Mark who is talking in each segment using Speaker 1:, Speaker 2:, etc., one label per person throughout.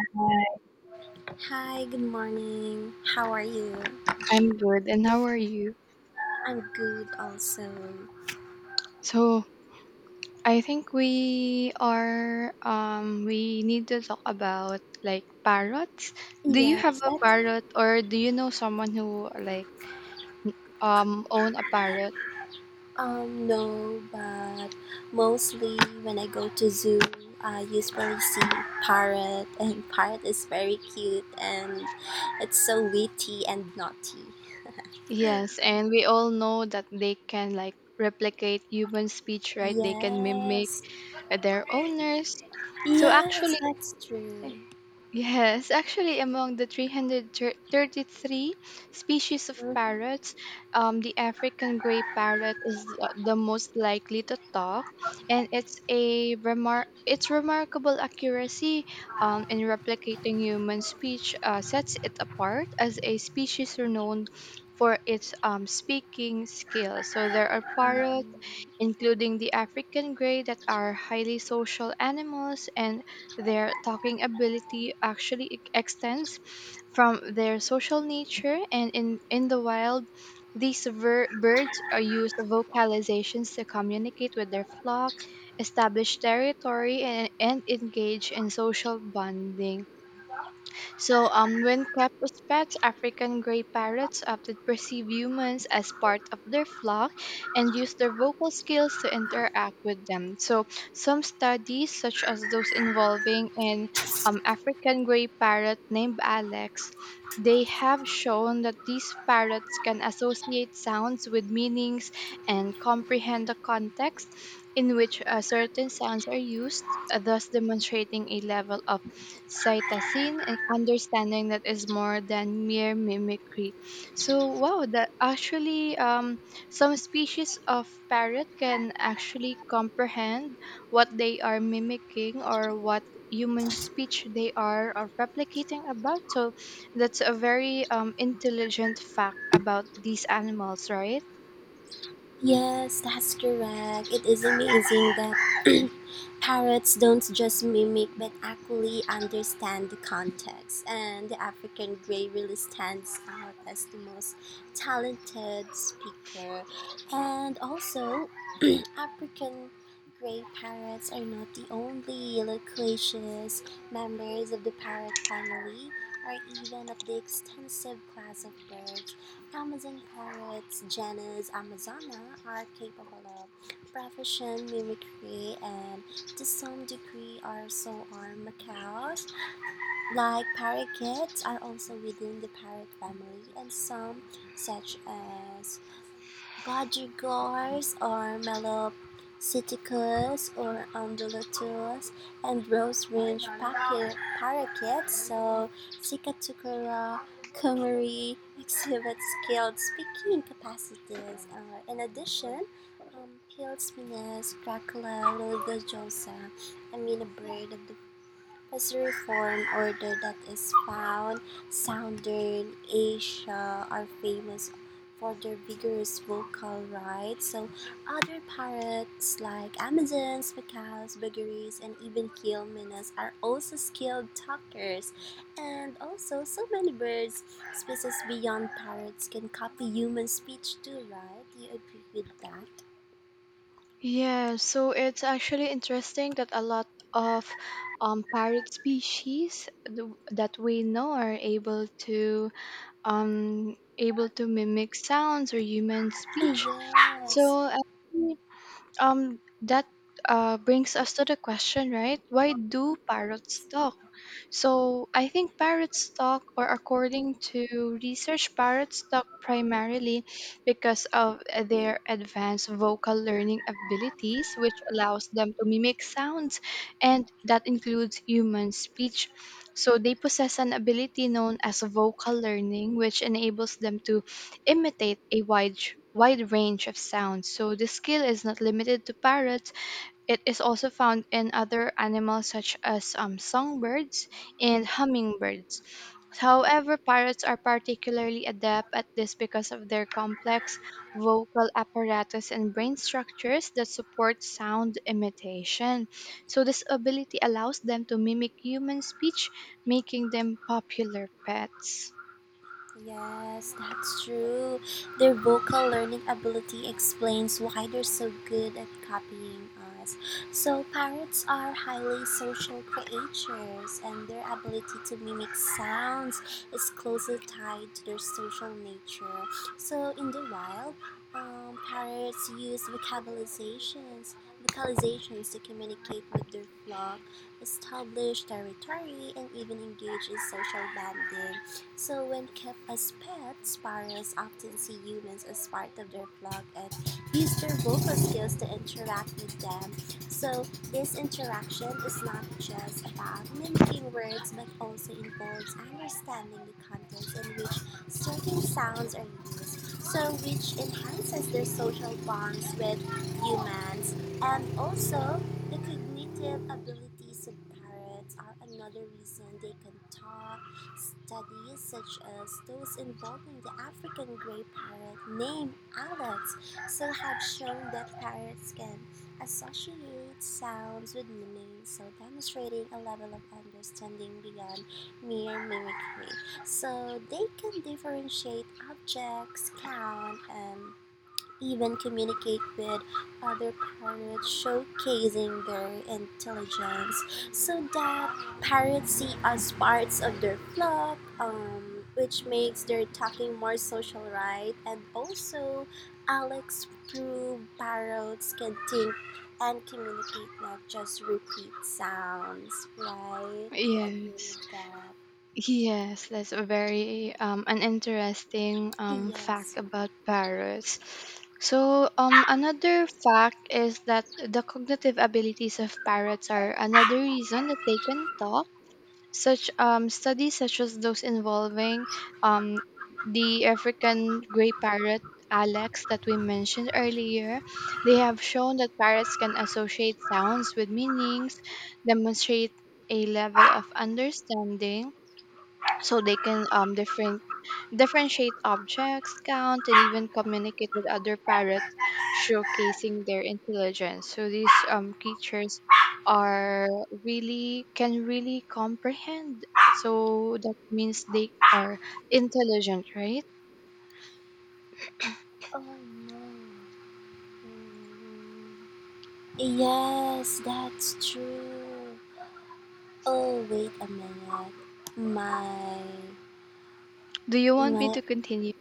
Speaker 1: Hi,
Speaker 2: Hi, good morning. How are you?
Speaker 1: I'm good. And how are you?
Speaker 2: I'm good also.
Speaker 1: So I think we need to talk about like parrots. Do you have
Speaker 2: Yes,
Speaker 1: a
Speaker 2: that's
Speaker 1: parrot or do you know someone who like own a parrot?
Speaker 2: no, but mostly when I go to zoo, I usually see parrot and parrot is very cute and it's so witty and naughty.
Speaker 1: Yes, and we all know that they can like replicate human speech, right? They can mimic
Speaker 2: Yes.
Speaker 1: their owners. So
Speaker 2: Yes,
Speaker 1: actually
Speaker 2: that's true.
Speaker 1: Yes, actually, among the 333 species of
Speaker 2: Mhm.
Speaker 1: parrots, the African gray parrot is the most likely to talk, and its remarkable accuracy in replicating human speech sets it apart as a species renowned for its speaking skills. So there are parrots
Speaker 2: Mhm.
Speaker 1: including the African grey that are highly social animals, and their talking ability actually extends from their social nature. And in the wild, these birds are used vocalizations to communicate with their flock, establish territory, and engage in social bonding. So, when kept as pets, African gray parrots often perceive humans as part of their flock and use their vocal skills to interact with them. So, some studies, such as those involving an African gray parrot named Alex, they have shown that these parrots can associate sounds with meanings and comprehend the context in which certain sounds are used, thus demonstrating a level of cytosine and understanding that is more than mere mimicry. So wow, that actually, some species of parrot can actually comprehend what they are mimicking, or what human speech they are or replicating about. So that's a very intelligent fact about these animals, right?
Speaker 2: Yes, that's correct. It is amazing that parrots don't just mimic but actually understand the context, and the African grey really stands out as the most talented speaker. And also, African grey parrots are not the only loquacious members of the parrot family, or even of the extensive class of birds. Amazon parrots, Janus amazona, are capable of proficient mimicry and to some degree are so are macaws. Like parakeets are also within the parrot family and some such as Budgerigars are melopsittacus or undulatus, and rose ringed packet, parakeets, so Cicatricula kumari, exhibit skilled speaking capacities. In addition, Pillsminus, Dracula, Liligojosa, I mean a bird of the as a reform order that is found. Southern Asia are famous for their vigorous vocal rights, so other pirates like Amazons, Macaws, Buggeries, and even Kilmenas are also skilled talkers. And also, so many birds species beyond parrots can copy human speech too, right? You agree with that?
Speaker 1: Yeah, so it's actually interesting that a lot of parrot species that we know are able to able to mimic sounds or human speech.
Speaker 2: Yes.
Speaker 1: So actually, that brings us to the question, right? Why do parrots talk? So I think parrots talk, or according to research, parrots talk primarily because of their advanced vocal learning abilities, which allows them to mimic sounds, and that includes human speech. So they possess an ability known as vocal learning, which enables them to imitate a wide range of sounds. So this skill is not limited to parrots, it is also found in other animals such as songbirds and hummingbirds. However, parrots are particularly adept at this because of their complex vocal apparatus and brain structures that support sound imitation. So this ability allows them to mimic human speech, making them popular pets.
Speaker 2: Yes, that's true. Their vocal learning ability explains why they're so good at copying us. So, parrots are highly social creatures, and their ability to mimic sounds is closely tied to their social nature. So, in the wild, parrots use vocalizations to communicate with their flock, establish territory, and even engage in social bonding. So, when kept as pets, sparrows often see humans as part of their flock and use their vocal skills to interact with them. So, this interaction is not just about mimicking words but also involves understanding the context in which certain sounds are used, so which enhances their social bonds with humans, and also the cognitive abilities of parrots are another reason they can talk. Studies such as those involving the African gray parrot named Alex so have shown that parrots can associate sounds with meaning, so demonstrating a level of understanding beyond mere mimicry. So they can differentiate objects, count, and even communicate with other parrots, showcasing their intelligence so that parrots see us parts of their flock, which makes their talking more social, right? And also, Alex proved parrots can think and communicate, not just repeat sounds, right? You agree
Speaker 1: Yes.
Speaker 2: with that?
Speaker 1: Yes, that's a very an interesting fact
Speaker 2: Yes.
Speaker 1: about parrots. So another fact is that the cognitive abilities of parrots are another reason that they can talk. Such studies, such as those involving um, the African gray parrot Alex that we mentioned earlier, they have shown that parrots can associate sounds with meanings, demonstrate a level of understanding, so they can differentiate objects, count, and even communicate with other parrots, showcasing their intelligence. So these creatures are really, can really comprehend. So that means they are intelligent, right?
Speaker 2: Oh no. Mm. Yes, that's true. Oh, wait a minute. My
Speaker 1: Do you want me
Speaker 2: my
Speaker 1: to continue?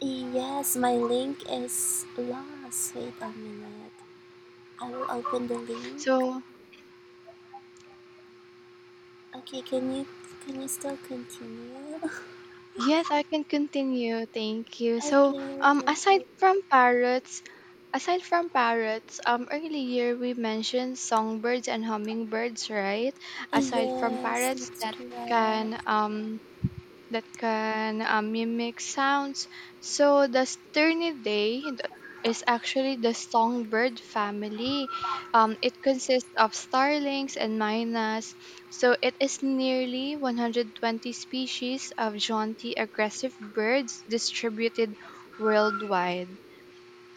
Speaker 2: yes, my link is lost. Wait a minute. I will open the link.
Speaker 1: So
Speaker 2: Okay, can you still continue?
Speaker 1: yes, I can continue. Thank you. So
Speaker 2: Okay,
Speaker 1: um
Speaker 2: thank
Speaker 1: aside
Speaker 2: you.
Speaker 1: from parrots, aside from parrots, earlier we mentioned songbirds and hummingbirds, right? Aside from
Speaker 2: Yes,
Speaker 1: parrots
Speaker 2: that's
Speaker 1: that
Speaker 2: correct.
Speaker 1: can that can, mimic sounds, so the Sternidae is actually the songbird family. It consists of starlings and mynas, so it is nearly 120 species of jaunty aggressive birds distributed worldwide.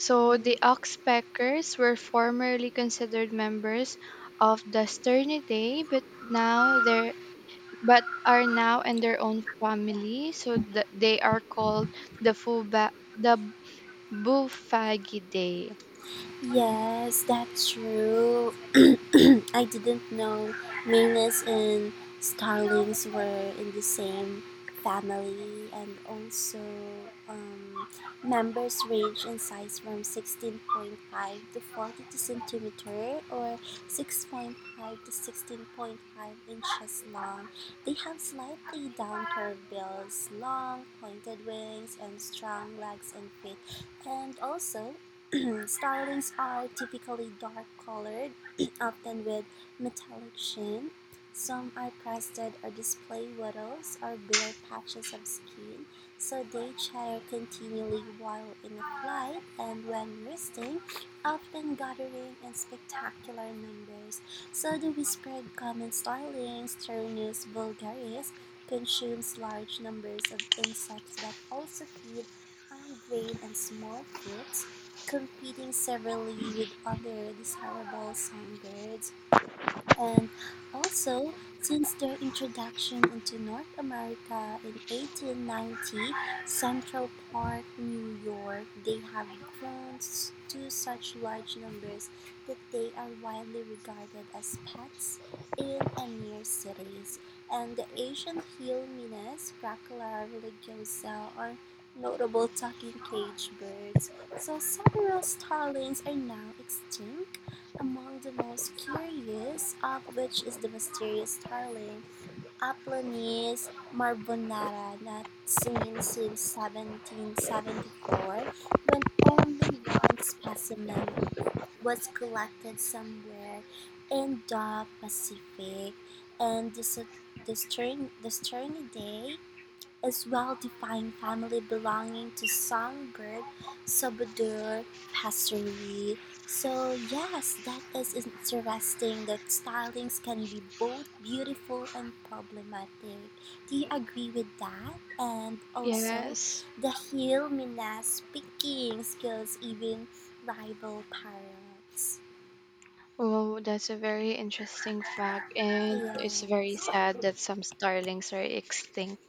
Speaker 1: So the
Speaker 2: Mm.
Speaker 1: Oxpeckers were formerly considered members of the Sternidae, but now they're but are now in their own family. So the, they are called the Fuba, the Buffagidae.
Speaker 2: Yes, that's true. I didn't know Magnus and Starlings were in the same family, and also um, members range in size from 16.5 to 42 centimeter or 6.5 to 16.5 inches long. They have slightly down curved bills, long pointed wings, and strong legs and feet, and also Starlings are typically dark colored, often with metallic sheen. Some are crested or display wattles or bare patches of skin, so they chatter continually while in a flight and when resting, often gathering in spectacular numbers. So the whispered common starling, Turnus vulgaris, consumes large numbers of insects but also feed on grain and small fruits competing severely with other desirable songbirds, and also, since their introduction into North America in 1890, Central Park, New York, they have grown s- to such large numbers that they are widely regarded as pets in and near cities. And the Asian hill minas, Cracula religiosa, are notable talking cage birds. So several starlings are now extinct among the most curious of which is the mysterious starling, Aplonis marbonara, not seen since 1774, when only one specimen was collected somewhere in the Pacific, and the Saturnidae is well-defined family belonging to songbird, subodur, passerine. So yes, that is interesting that stylings can be both beautiful and problematic. Do you agree with that? And also,
Speaker 1: Yes.
Speaker 2: the heel Minas speaking skills even rival parrots.
Speaker 1: Oh, that's a very interesting fact, and it's very
Speaker 2: Yes.
Speaker 1: sad that some starlings are extinct.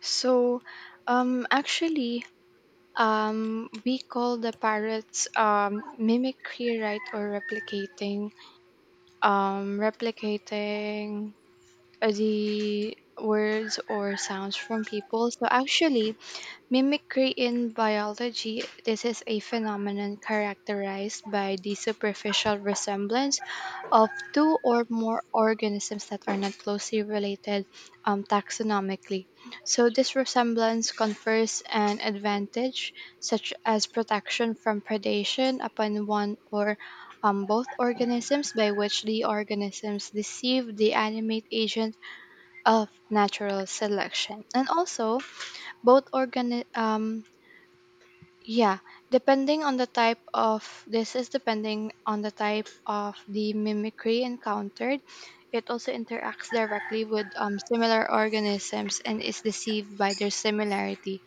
Speaker 1: So, actually, we call the parrots mimicry, right, or replicating, replicating the words or sounds from people. So actually, mimicry in biology, this is a phenomenon characterized by the superficial resemblance of two or more organisms that are not closely related, taxonomically. So this resemblance confers an advantage, such as protection from predation upon one or, both organisms, by which the organisms deceive the animate agent of natural selection. And also both organi- yeah, depending on the type of this is depending on the type of the mimicry encountered. It also interacts directly with similar organisms and is deceived by their similarity.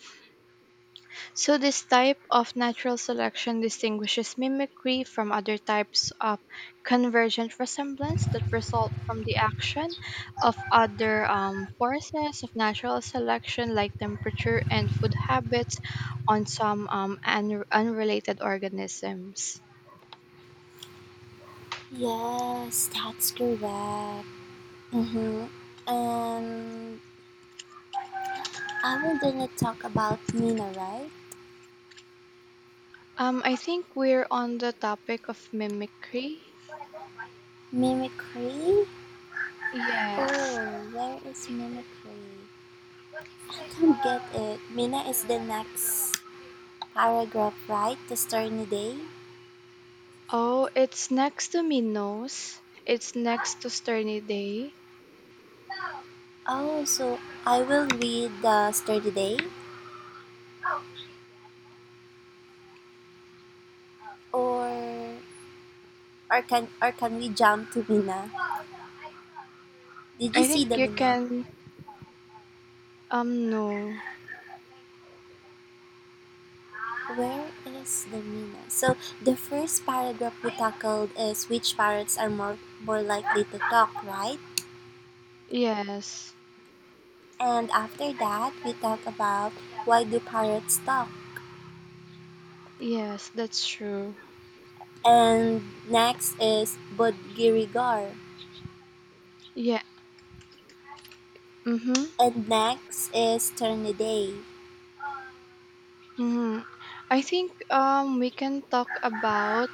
Speaker 1: So this type of natural selection distinguishes mimicry from other types of convergent resemblance that result from the action of other forces of natural selection, like temperature and food habits, on some unrelated organisms.
Speaker 2: Yes, that's correct. Mm-hmm. And I'm gonna talk about Nina, right?
Speaker 1: I think we're on the topic of mimicry.
Speaker 2: Mimicry?
Speaker 1: Yes.
Speaker 2: Oh, where is mimicry? I don't get it. Mina is the next paragraph, right? The story today.
Speaker 1: Oh, it's next to Minos. It's next to Sternidae.
Speaker 2: Oh, so I will read the story today, or or can we jump to Mina? Did you
Speaker 1: I
Speaker 2: see
Speaker 1: think
Speaker 2: the
Speaker 1: you
Speaker 2: Mina?
Speaker 1: can. No.
Speaker 2: Where is the Mina? So the first paragraph we tackled is which parrots are more likely to talk, right?
Speaker 1: Yes.
Speaker 2: And after that we talk about why do parrots talk,
Speaker 1: Yes, that's true.
Speaker 2: and next is budgirigar,
Speaker 1: Yeah. Mm-hmm.
Speaker 2: and next is turniday,
Speaker 1: Mm-hmm. I think we can talk about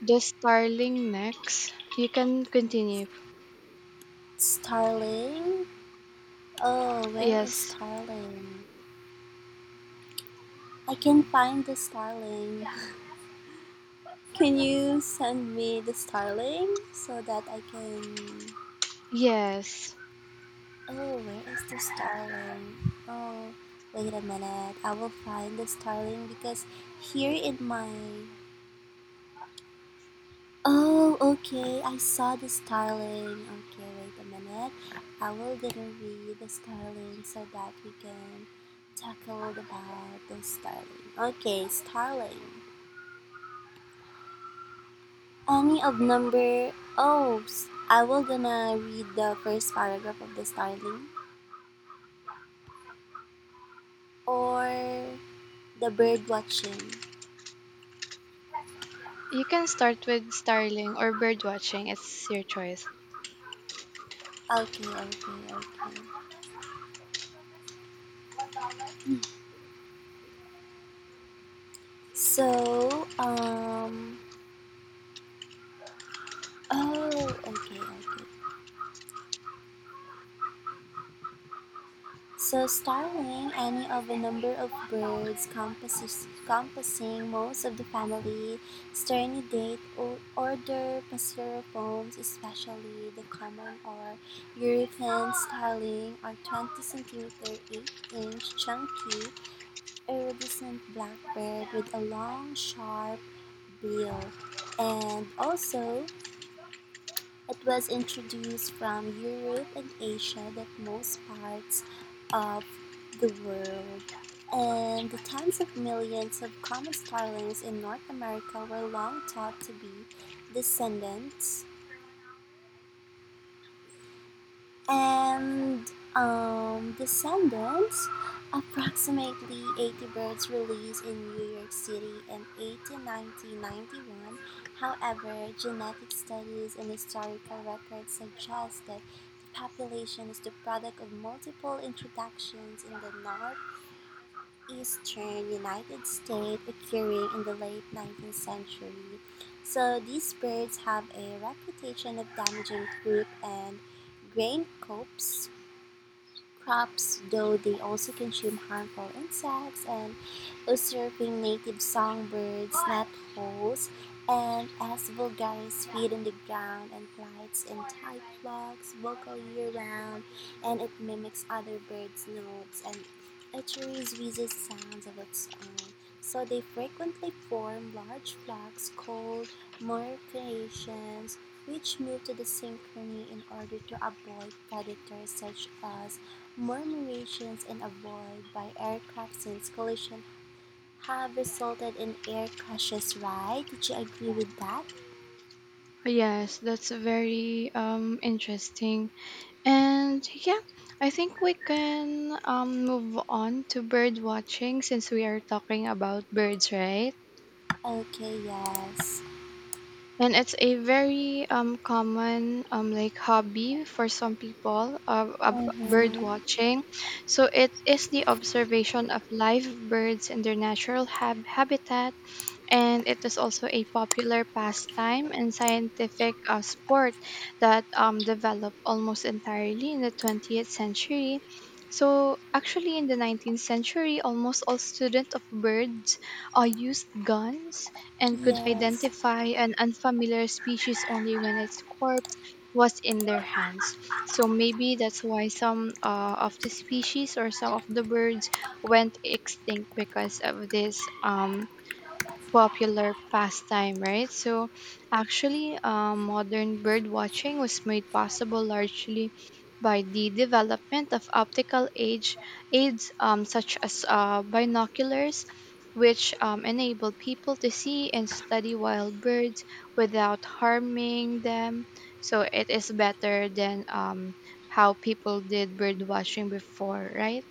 Speaker 1: the starling next. You can continue.
Speaker 2: starling. Oh, where is
Speaker 1: Yes.
Speaker 2: starling? I can find the starling. Can you send me the starling so that I can
Speaker 1: Yes.
Speaker 2: oh where is the starling, oh wait a minute, I will find the starling because here in my Oh, okay. I saw the starling. Okay, wait a minute. I will gonna read the starling so that we can tackle about the starling. Okay, starling. Any of number. Oh, s- I will gonna read the first paragraph of the starling or the bird watching.
Speaker 1: You can start with starling or bird watching. It's your choice.
Speaker 2: Okay, okay, okay. Hmm. So, Oh, okay, okay. So starling, any of a number of birds compos- composing most of the family, Sternidae or order Passeropomes, especially the common or European starling, are 20 centimeter 8-inch chunky iridescent blackbird with a long sharp bill, and also it was introduced from Europe and Asia that most parts of the world, and the tens of millions of common starlings in North America were long thought to be descendants and descendants. Approximately 80 birds released in New York City in eighteen ninety ninety one. However, genetic studies and historical records suggest that the population is the product of multiple introductions in the northeastern United States occurring in the late 19th century. So these birds have a reputation of damaging fruit and grain crops, though they also consume harmful insects and usurping native songbirds, net holes, and as vulgaris feed on the ground and flights in tight flocks, vocal year-round, and it mimics other birds' notes and utterly wheezes sounds of its own. So they frequently form large flocks called morphinations, which move to the synchrony in order to avoid predators such as Murmurations and avoid by aircraft since collision have resulted in air crashes, right? Did you agree with that?
Speaker 1: Yes, that's very interesting. And yeah, I think we can move on to bird watching since we are talking about birds, right?
Speaker 2: Okay, yes.
Speaker 1: And it's a very common like hobby for some people, bird
Speaker 2: Mm-hmm.
Speaker 1: watching. So it is the observation of live birds in their natural habitat, and it is also a popular pastime and scientific sport that developed almost entirely in the 20th century. So, actually, in the 19th century, almost all students of birds used guns and could
Speaker 2: Yes.
Speaker 1: identify an unfamiliar species only when its corpse was in their hands. So maybe that's why some of the species or some of the birds went extinct because of this popular pastime, right? So, actually, modern bird watching was made possible largely by the development of optical age aids, such as binoculars, which enable people to see and study wild birds without harming them. So it is better than, how people did bird watching before, right?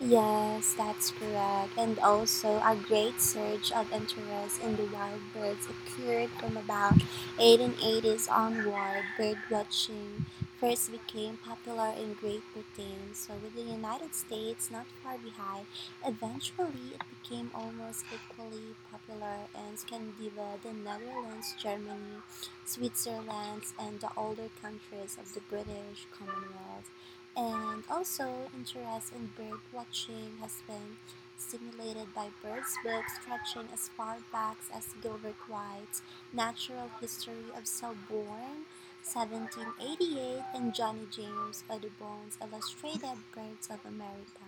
Speaker 2: Yes, that's correct. And also a great surge of interest in the wild birds occurred from about 1880s onward. Birdwatching first became popular in Great Britain, so with the United States not far behind. Eventually, it became almost equally popular in Scandinavia, the Netherlands, Germany, Switzerland, and the older countries of the British Commonwealth. And also, interest in bird watching has been stimulated by birds' books stretching as far back as Gilbert White's Natural History of Selborne, 1788, and Johnny James Audubon's Illustrated Birds of America,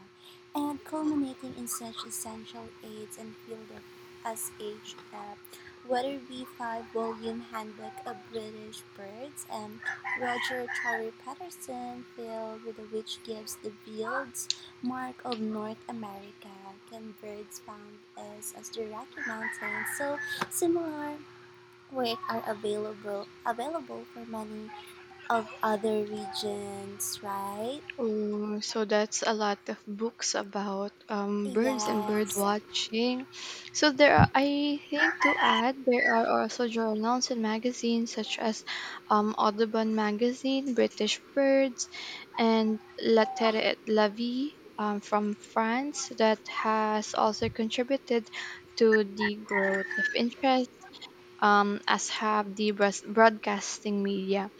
Speaker 2: and culminating in such essential aids and field of as H.F. Weatherby five-volume handbook of British birds and Roger Torrey Patterson Field, with which gives the fields mark of North America. Can birds found as the Rocky Mountains. So similar work are available for many of other regions, right?
Speaker 1: Oh, so that's a lot of books about birds and bird
Speaker 2: Yes.
Speaker 1: watching. So there are, I think to add, there are also journals and magazines such as Audubon Magazine, British Birds, and La Terre et la Vie from France, that has also contributed to the growth of interest, as have the broadcasting media.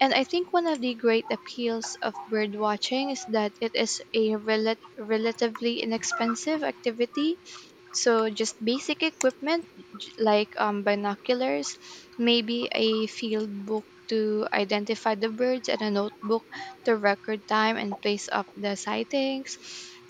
Speaker 1: And I think one of the great appeals of bird watching is that it is a relatively inexpensive activity, so just basic equipment, like binoculars, maybe a field book to identify the birds, and a notebook to record time and place of the sightings.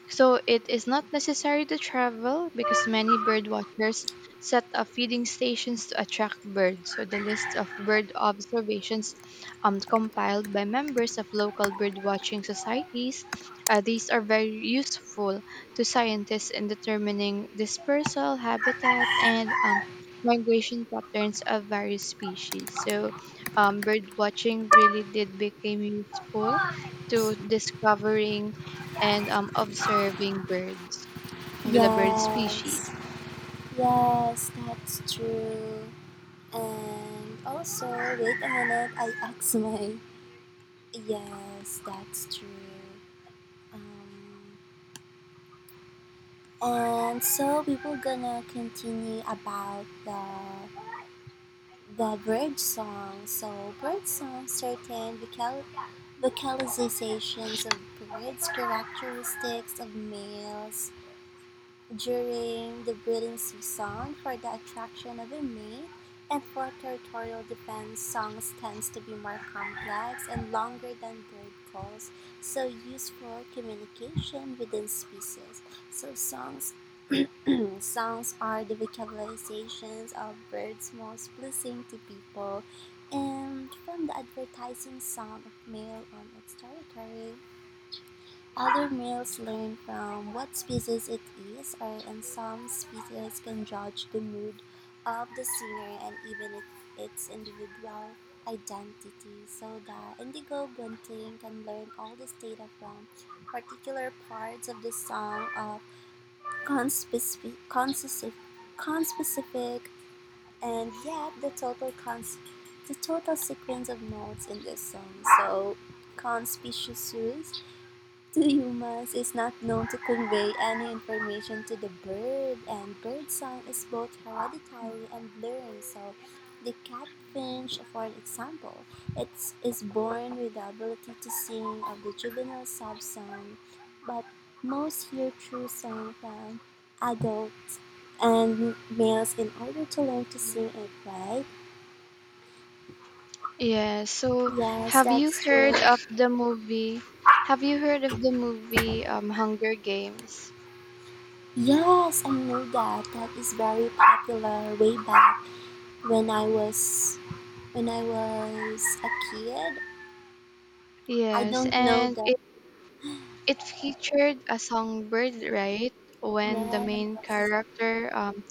Speaker 1: So it is not necessary to travel because many bird watchers set up feeding stations to attract birds. So the list of bird observations compiled by members of local bird watching societies, these are very useful to scientists in determining dispersal, habitat, and migration patterns of various species. So, bird watching really did become useful to discovering and observing birds, the bird
Speaker 2: Yes.
Speaker 1: species.
Speaker 2: Yes, that's true. And also wait a minute, I asked my Yes, that's true. Um And so we were gonna continue about the bird song. So bird song certain vocalizations of birds, characteristics of males during the breeding season for the attraction of a mate, and for territorial defense, songs tends to be more complex and longer than bird calls, so used for communication within species. So songs Songs are the vocalizations of birds most pleasing to people, and from the advertising song of male on its territory, other males learn from what species it is, or in some species can judge the mood of the singer and even it, its individual identity. So the indigo bunting can learn all the state of particular parts of the song of conspecific, conspecific, conspecific, and yet the total cons, the total sequence of notes in this song so conspicuous to humans is not known to convey any information to the bird, and bird song is both hereditary and learned. So, the catfinch, for example, it is born with the ability to sing of the juvenile sub song, but most hear true song from adults and males in order to learn to sing it, right?
Speaker 1: Yeah, so
Speaker 2: Yes,
Speaker 1: have you
Speaker 2: that's
Speaker 1: heard
Speaker 2: true.
Speaker 1: of the movie? Have you heard of the movie Hunger Games?
Speaker 2: Yes, I know that. That is very popular way back when I was when I was a kid. I
Speaker 1: Yes,
Speaker 2: don't know
Speaker 1: and
Speaker 2: that.
Speaker 1: it featured a songbird, right? When the main
Speaker 2: Yes.
Speaker 1: character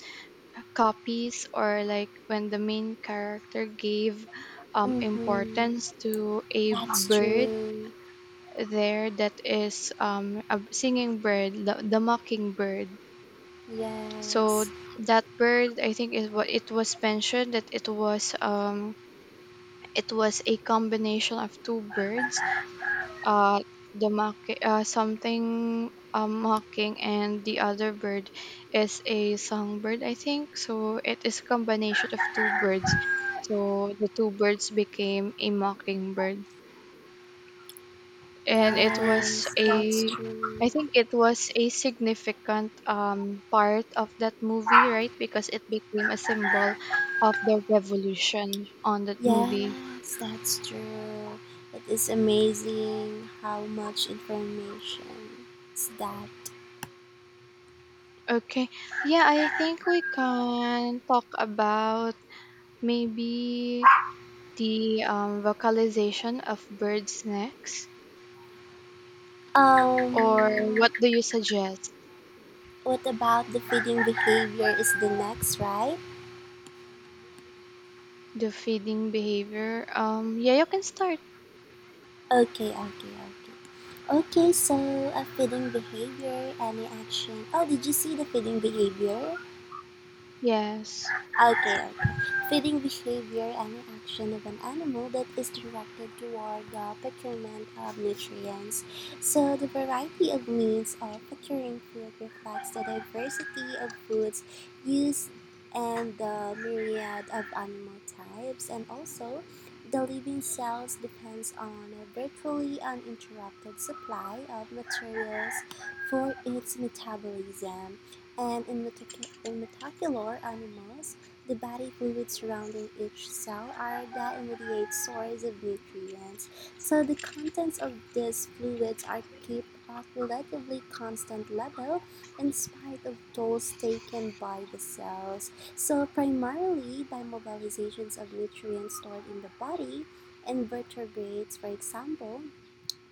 Speaker 1: copies, or like when the main character gave
Speaker 2: Mhm.
Speaker 1: importance to a
Speaker 2: That's
Speaker 1: bird
Speaker 2: true.
Speaker 1: there, that is a singing bird, the mockingbird. So
Speaker 2: Yes.
Speaker 1: that bird, I think, is what it was mentioned that it was, it was a combination of two birds, uh the mock something mocking, and the other bird is a songbird, I think. So it is a combination of two birds, so the two birds became a mockingbird, and it was
Speaker 2: Yes, that's
Speaker 1: a, I
Speaker 2: true.
Speaker 1: think it was a significant part of that movie, right? Because it became a symbol of the revolution on that movie.
Speaker 2: Yes, that's true. It is amazing how much information is that.
Speaker 1: Okay, yeah, I think we can talk about, maybe the vocalization of birds' necks? Or what
Speaker 2: Um,
Speaker 1: do you suggest?
Speaker 2: what about the feeding behavior is the next, right?
Speaker 1: The feeding behavior? Yeah, you can start.
Speaker 2: Okay, okay, okay. Okay, so a feeding behavior, any action. Oh, did you see the feeding behavior?
Speaker 1: Yes,
Speaker 2: Okay, okay, feeding behavior any action of an animal that is directed toward the procurement of nutrients. So, the variety of means of procuring food reflects the diversity of foods used and the myriad of animal types, and also the living cells depends on a virtually uninterrupted supply of materials for its metabolism. And in, metacu- in metacular animals, the body fluids surrounding each cell are the immediate source of nutrients, so the contents of these fluids are kept at a relatively constant level in spite of tolls taken by the cells. So primarily by mobilizations of nutrients stored in the body, and vertebrates, for example,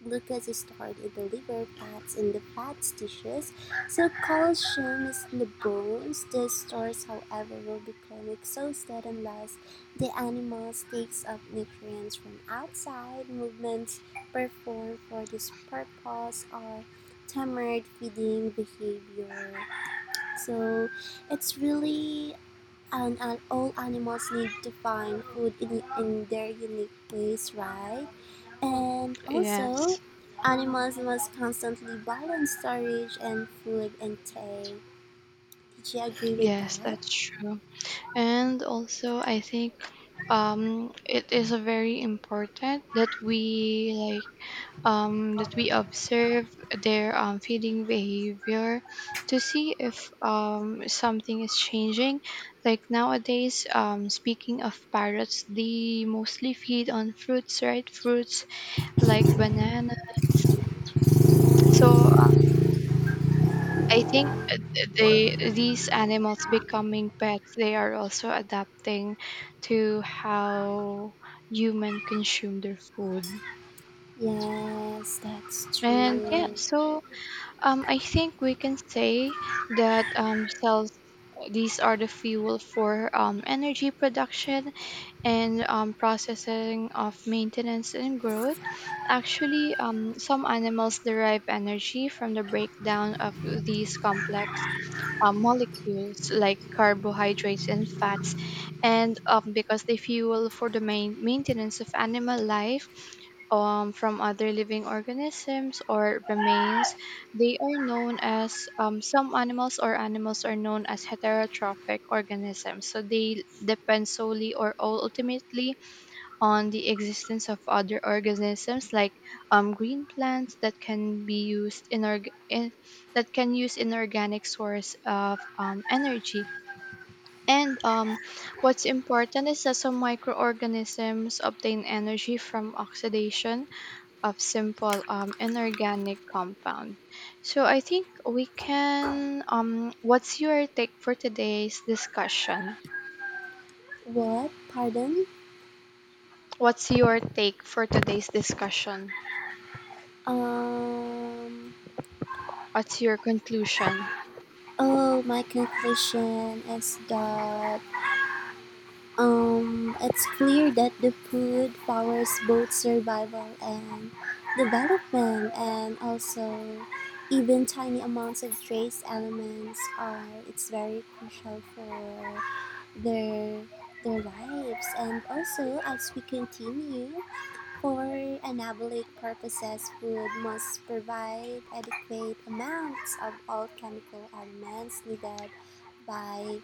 Speaker 2: Glucose is stored in the liver, fats in the fat tissues, so calcium is in the bones. The stores, however, will become exhausted unless the animal takes up nutrients from outside. Movements performed for this purpose are tampered feeding behavior. So it's really and all animals need to find food in their unique ways, right? And also,
Speaker 1: yes,
Speaker 2: animals must constantly balance storage and food intake. Did you agree with
Speaker 1: yes,
Speaker 2: that?
Speaker 1: that's true. And also, I think it is a very important that we like, that we observe their feeding behavior to see if something is changing. Like nowadays, speaking of parrots, they mostly feed on fruits, right? Fruits like banana. So I think they these animals becoming pets, they are also adapting to how human consume their food.
Speaker 2: Yes, that's
Speaker 1: And yeah,
Speaker 2: true.
Speaker 1: so I think we can say that cells, these are the fuel for energy production and processing of maintenance and growth. Actually, some animals derive energy from the breakdown of these complex molecules like carbohydrates and fats. And because they fuel for the main maintenance of animal life from other living organisms or remains, they are known as, some animals or animals are known as heterotrophic organisms. So they depend solely or ultimately on the existence of other organisms like green plants that can be used inorg- in that can use inorganic source of energy. And what's important is that some microorganisms obtain energy from oxidation of simple inorganic compound. So I think we can, what's your take for today's discussion?
Speaker 2: What? Pardon?
Speaker 1: What's your take for today's discussion?
Speaker 2: Um.
Speaker 1: What's your conclusion?
Speaker 2: Oh, my conclusion is that it's clear that the food powers both survival and development, and also even tiny amounts of trace elements are it's very crucial for their their lives, and also as we continue for anabolic purposes food must provide adequate amounts of all chemical elements needed by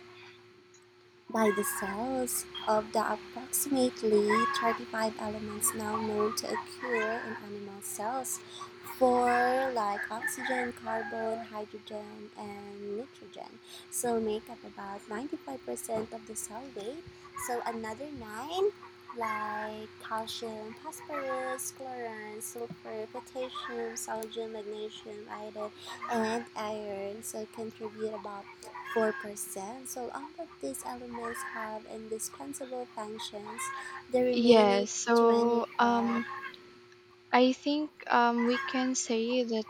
Speaker 2: by the cells of the approximately 35 elements now known to occur in animal cells for like oxygen, carbon, hydrogen, and nitrogen. So make up about 95% of the cell weight. So another nine like calcium, phosphorus, chlorine, sulfur, potassium, sodium, magnesium, iodine, and iron. So contribute about 4%. So all of these elements have indispensable functions. The remaining
Speaker 1: Yes, so
Speaker 2: 20 are
Speaker 1: I think we can say that